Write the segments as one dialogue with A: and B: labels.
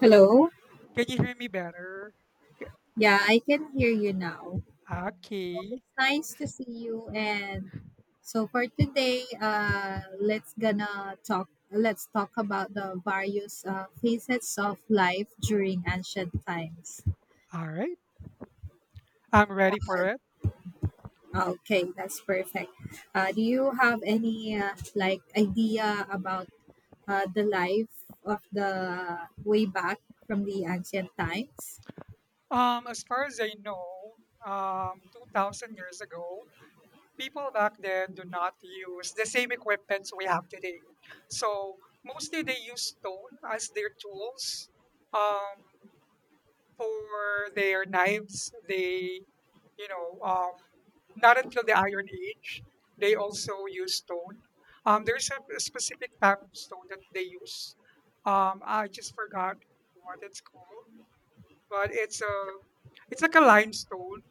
A: Hello.
B: Can you hear me better? K-
A: Yeah, I can hear you now.
B: Okay.
A: Nice to see you. And so for today, let's gonna talk. Let's talk about the various facets of life during ancient times.
B: All right. I'm ready for it.
A: Okay, that's perfect. Do you have any like idea about the life of the way back from the ancient times?
B: As far as I know, 2,000 years ago, people back then do not use the same equipments we have today. So mostly they use stone as their tools. Um, for their knives, they, you know, um, not until the Iron Age, they also use stone. There's a specific type of stone that they use. I just forgot what it's called, but it's like a limestone,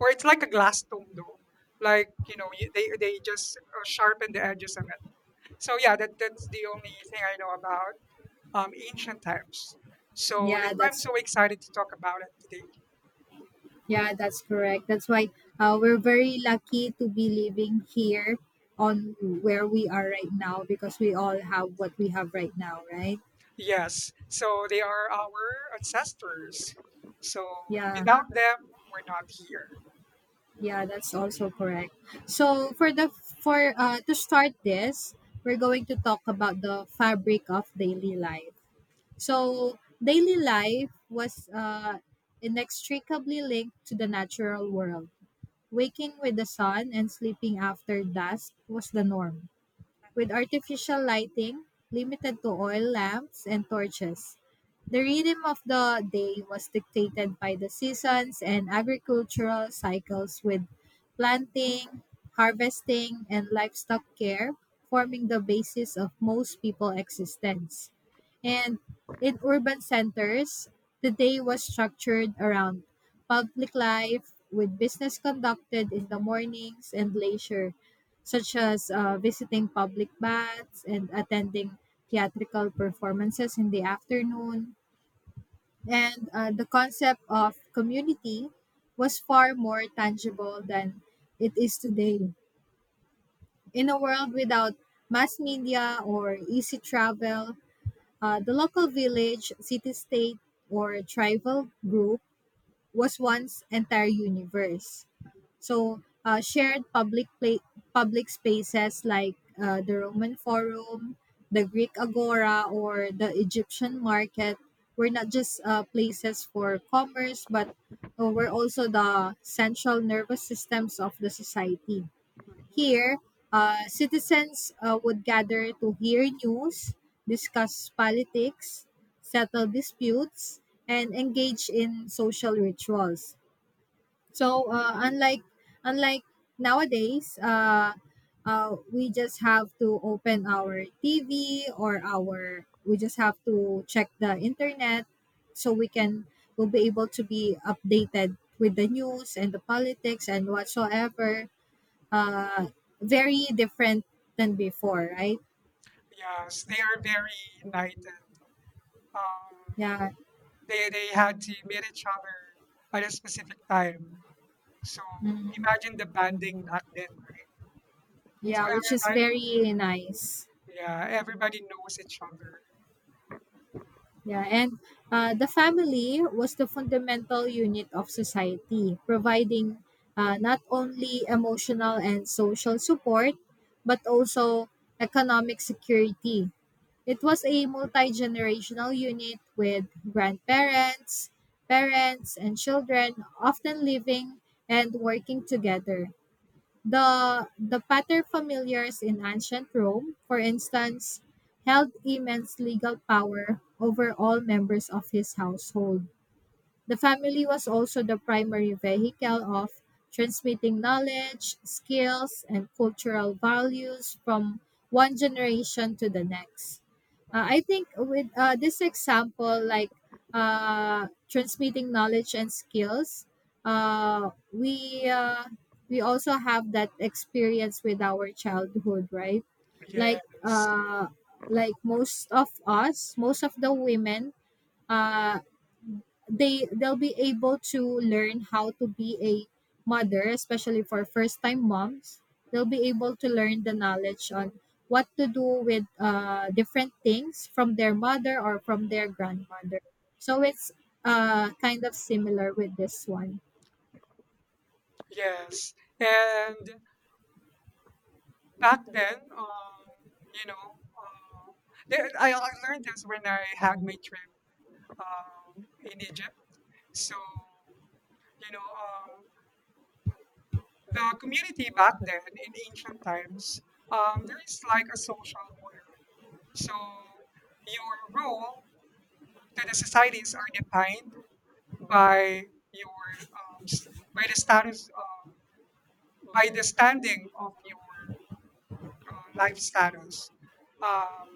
B: or it's like a glass stone though. Like you know, they just sharpen the edges of it. So yeah, that's the only thing I know about ancient times. So that's
A: Yeah,
B: why I'm
A: that's
B: so excited to talk about it today.
A: Yeah, that's correct. That's why we're very lucky to be living here on where we are right now because we all have what we have right now, right?
B: Yes, so they are our ancestors. So
A: Yeah,
B: without them, we're not here.
A: yeah, that's also correct. So for to start this, we're going to talk about the fabric of daily life. So daily life was inextricably linked to the natural world. Waking with the sun and sleeping after dusk was the norm, with artificial lighting limited to oil lamps and torches. The rhythm of the day was dictated by the seasons and agricultural cycles, with planting, harvesting, and livestock care forming the basis of most people's existence. And in urban centers, the day was structured around public life, with business conducted in the mornings and leisure such as visiting public baths and attending theatrical performances in the afternoon. And The concept of community was far more tangible than it is today. In a world without mass media or easy travel, the local village, city state, or tribal group was once entire universe. So public spaces like the Roman Forum, the Greek Agora, or the Egyptian market were not just places for commerce, but were also the central nervous systems of the society.
B: Mhm.
A: Here, citizens would gather to hear news, discuss politics, settle disputes, and engage in social rituals, so unlike nowadays, we just have to open our TV, or our we just have to check the internet so we can will be able to be updated with the news and the politics and whatsoever. Uh, Very different than before, right?
B: Yes, they are very united. Um,
A: Yeah,
B: they had to meet each other at a specific time. So
A: mm,
B: imagine the banding back then, right? So
A: yeah, which is
B: everybody,
A: very nice.
B: yeah, everybody knows each other.
A: Yeah, and the family was the fundamental unit of society, providing not only emotional and social support, but also economic security. It was a multi generational unit with grandparents, parents, and children often living and working together. The paterfamilias in ancient Rome, for instance, held immense legal power over all members of his household. The family was also the primary vehicle of transmitting knowledge, skills, and cultural values from one generation to the next. I think with this example, like transmitting knowledge and skills, uh, we uh, we also have that experience with our childhood, right? Like
B: Yes,
A: uh, like most of us, most of the women, uh, they'll be able to learn how to be a mother, especially for first time moms. They'll be able to learn the knowledge on what to do with different things from their mother or from their grandmother, so it's kind of similar with this one.
B: yes, and back then, you know, uh, I learned this when I had my trip in Egypt. So, you know, um, the community back then in ancient times, there is like a social order. So, your role to the societies are defined by your um, s- by the status by the standing of your life status. Um,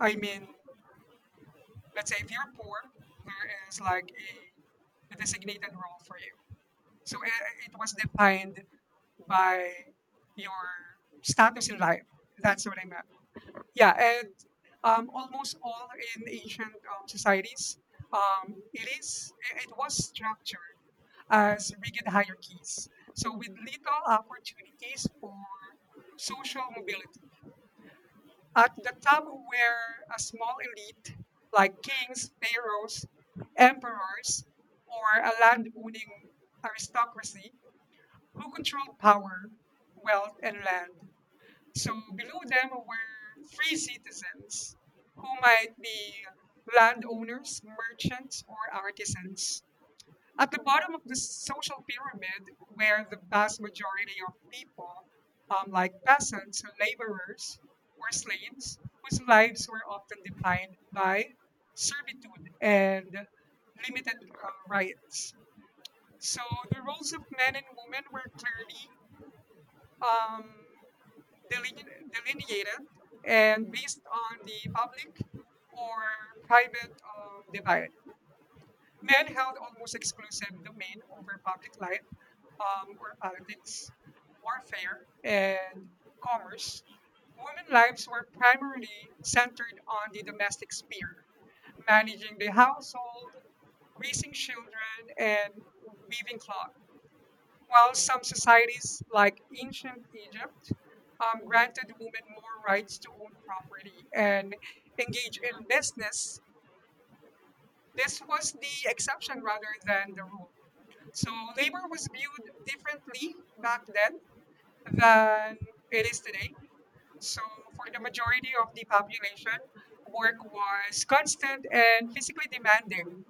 B: I mean, let's say if you're poor, there is like a designated role for you. So it was defined by your status in life. That's what I meant. Yeah, and almost all in ancient societies, it is it it was structured as rigid hierarchies, so with little opportunities for social mobility. At the top were a small elite like kings, pharaohs, emperors, or a land owning aristocracy who controlled power, wealth, and land. So below them were free citizens who might be landowners, merchants, or artisans. At the bottom of the social pyramid were the vast majority of people, like peasants, laborers, or slaves, whose lives were often defined by servitude and limited rights. So the roles of men and women were clearly um, delineated and based on the public or private divide. Men held almost exclusive domain over public life or politics, warfare, and commerce. Women's lives were primarily centered on the domestic sphere, managing the household, raising children, and weaving cloth. While some societies, like ancient Egypt, granted women more rights to own property and engage in business, this was the exception rather than the rule. So labor was viewed differently back then than it is today. So for the majority of the population, work was constant and physically demanding,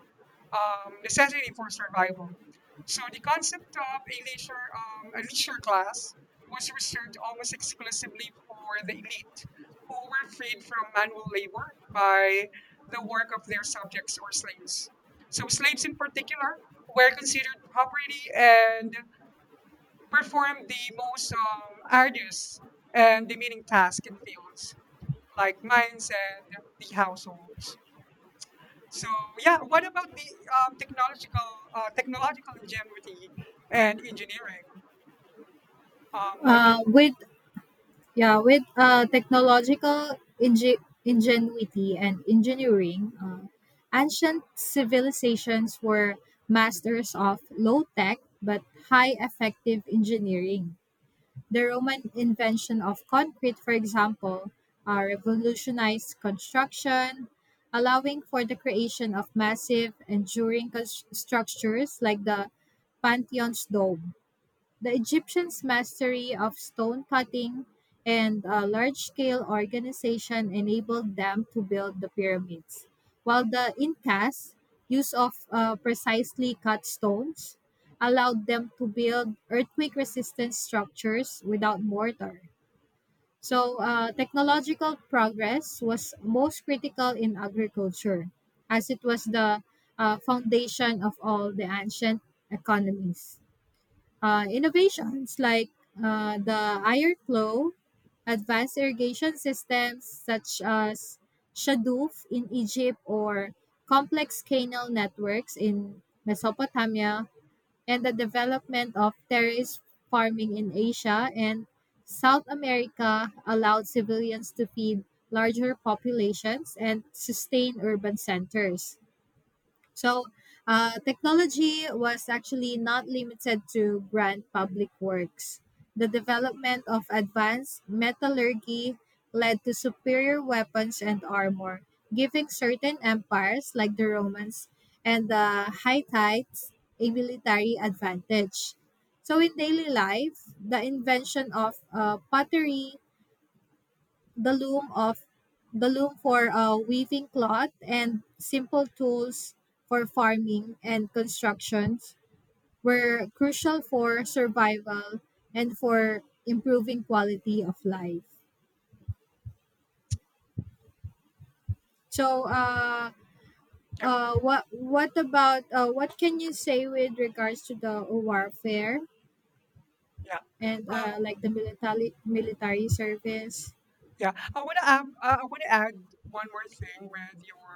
B: necessary for survival. So the concept of a leisure class was reserved almost exclusively for the elite, who were freed from manual labor by the work of their subjects or slaves. So slaves in particular were considered property and performed the most arduous and demeaning tasks in fields like mines and the households. So yeah, what about the um, technological technological ingenuity and engineering? What can
A: With Yeah, with ingenuity and engineering, ancient civilizations were masters of low tech but high effective engineering. The Roman invention of concrete, for example, revolutionized construction, allowing for the creation of massive, enduring structures like the Pantheon's dome. The Egyptians' mastery of stone cutting and large scale organization enabled them to build the pyramids, while the Incas' use of precisely cut stones allowed them to build earthquake resistant structures without mortar. So, technological progress was most critical in agriculture, as it was the foundation of all the ancient economies. Innovations like the iron flow, advanced irrigation systems such as Shadouf in Egypt, or complex canal networks in Mesopotamia, and the development of terrace farming in Asia and South America allowed civilians to feed larger populations and sustain urban centers. So, technology was actually not limited to grand public works. The development of advanced metallurgy led to superior weapons and armor, giving certain empires like the Romans and the Hittites a military advantage. So, in daily life, the invention of pottery, the loom of the loom for weaving cloth, and simple tools for farming and constructions were crucial for survival and for improving quality of life, so
B: yeah
A: what about what can you say with regards to the warfare
B: yeah.
A: and
B: Uh,
A: like the military service?
B: Yeah, I want to add, one more thing with your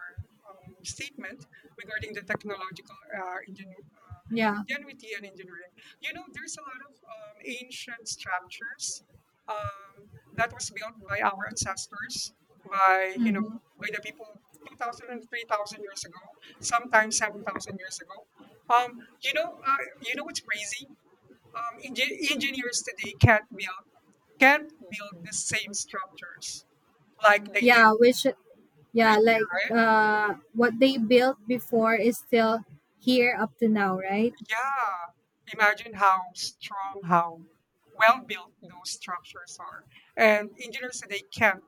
B: statement regarding the technological
A: yeah
B: ingenuity and engineering. You know, there's a lot of ancient structures um, that was built by our ancestors, by you know,
A: hmm
B: by the people 2,000 and 3,000 years ago, sometimes 7,000 years ago. Um, you know what's crazy? Engineers today can't build the same structures like they Mhm. did
A: yeah which
B: crazy,
A: Yeah, like
B: right?
A: what they built before is still here up to now, right?
B: Yeah. Imagine how strong, how well built those structures are. And engineers today can't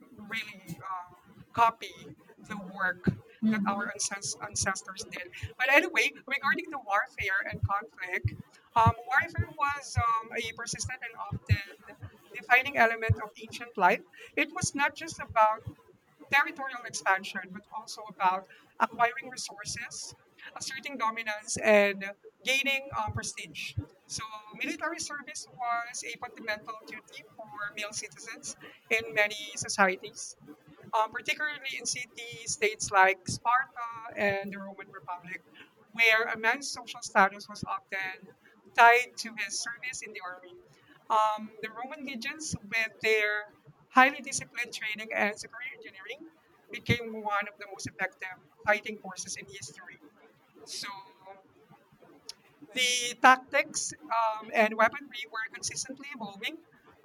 B: really copy the work that
A: Hmm.
B: our ancestors did. But anyway, regarding the warfare and conflict, warfare was a persistent and often defining element of ancient life. It was not just about territorial expansion, but also about acquiring resources, asserting dominance, and gaining prestige. So, military service was a fundamental duty for male citizens in many societies particularly in city states like Sparta and the Roman Republic, where a man's social status was often tied to his service in the army. The Roman legions, with their highly disciplined training and superior engineering, became one of the most effective fighting forces in history. So the tactics and weaponry were consistently evolving.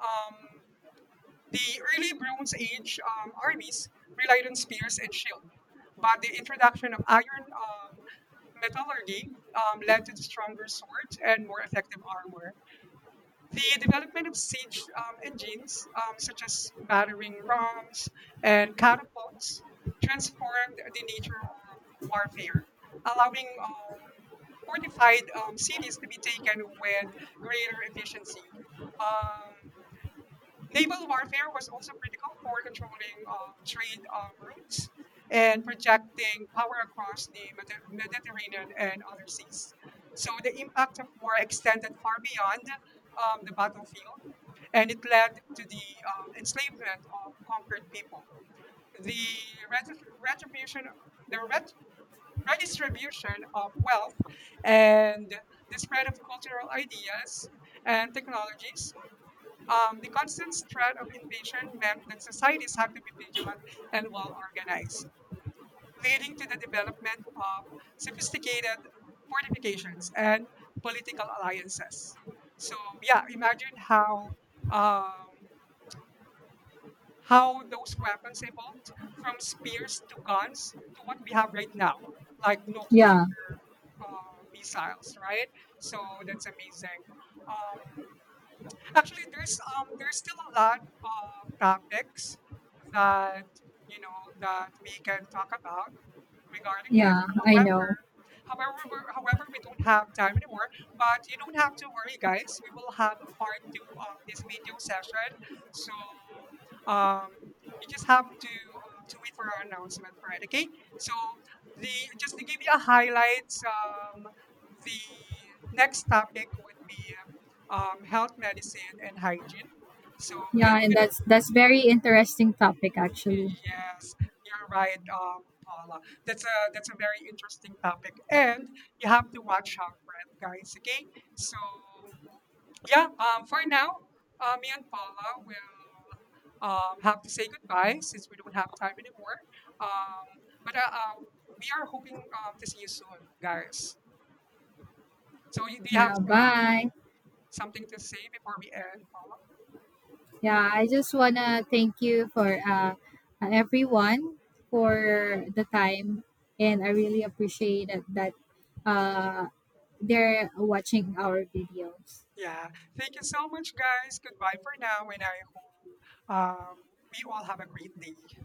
B: Um, the early Bronze Age armies relied on spears and shield, but the introduction of iron metallurgy led to stronger swords and more effective armor. The development of siege engines, such as battering rams and catapults, transformed the nature of warfare, allowing fortified cities to be taken with greater efficiency. Um, Naval warfare was also critical for controlling trade routes and projecting power across the Mediterranean and other seas. So the impact of war extended far beyond the battlefield, and it led to the enslavement of conquered people. The retribution, the ret- redistribution of wealth, and the spread of cultural ideas and technologies the constant threat of invasion meant that societies had to be vigilant and well organized, leading to the development of sophisticated fortifications and political alliances. So, yeah, imagine um, how those weapons evolved from spears to guns to what we have right now, like nuclear
A: Yeah,
B: missiles, right? So that's amazing. Um, Actually, there's still a lot of topics that you know that we can talk about regarding this.
A: yeah, I know.
B: However, we don't have time anymore, but you don't have to worry, guys. We will have a part two of this video session. So um, you just have to wait for our announcement, right? Okay. So the just to give you a highlights, the next topic would be health medicine and hygiene. So
A: Yeah,
B: it's
A: and
B: gonna
A: that's very interesting topic actually.
B: Yes, you're right, Paula. That's a very interesting topic, and you have to watch out for it, guys. Okay, so yeah, for now, me and Paula will have to say goodbye since we don't have time anymore. Um, but We are hoping to see you soon, guys. Do you have
A: Yeah, bye.
B: something to say before we end, Paula?
A: Yeah, I just wanna thank you for everyone for the time, and I really appreciate that uh they're watching our videos.
B: Yeah, thank you so much, guys. Goodbye for now, and I hope we all have a great day.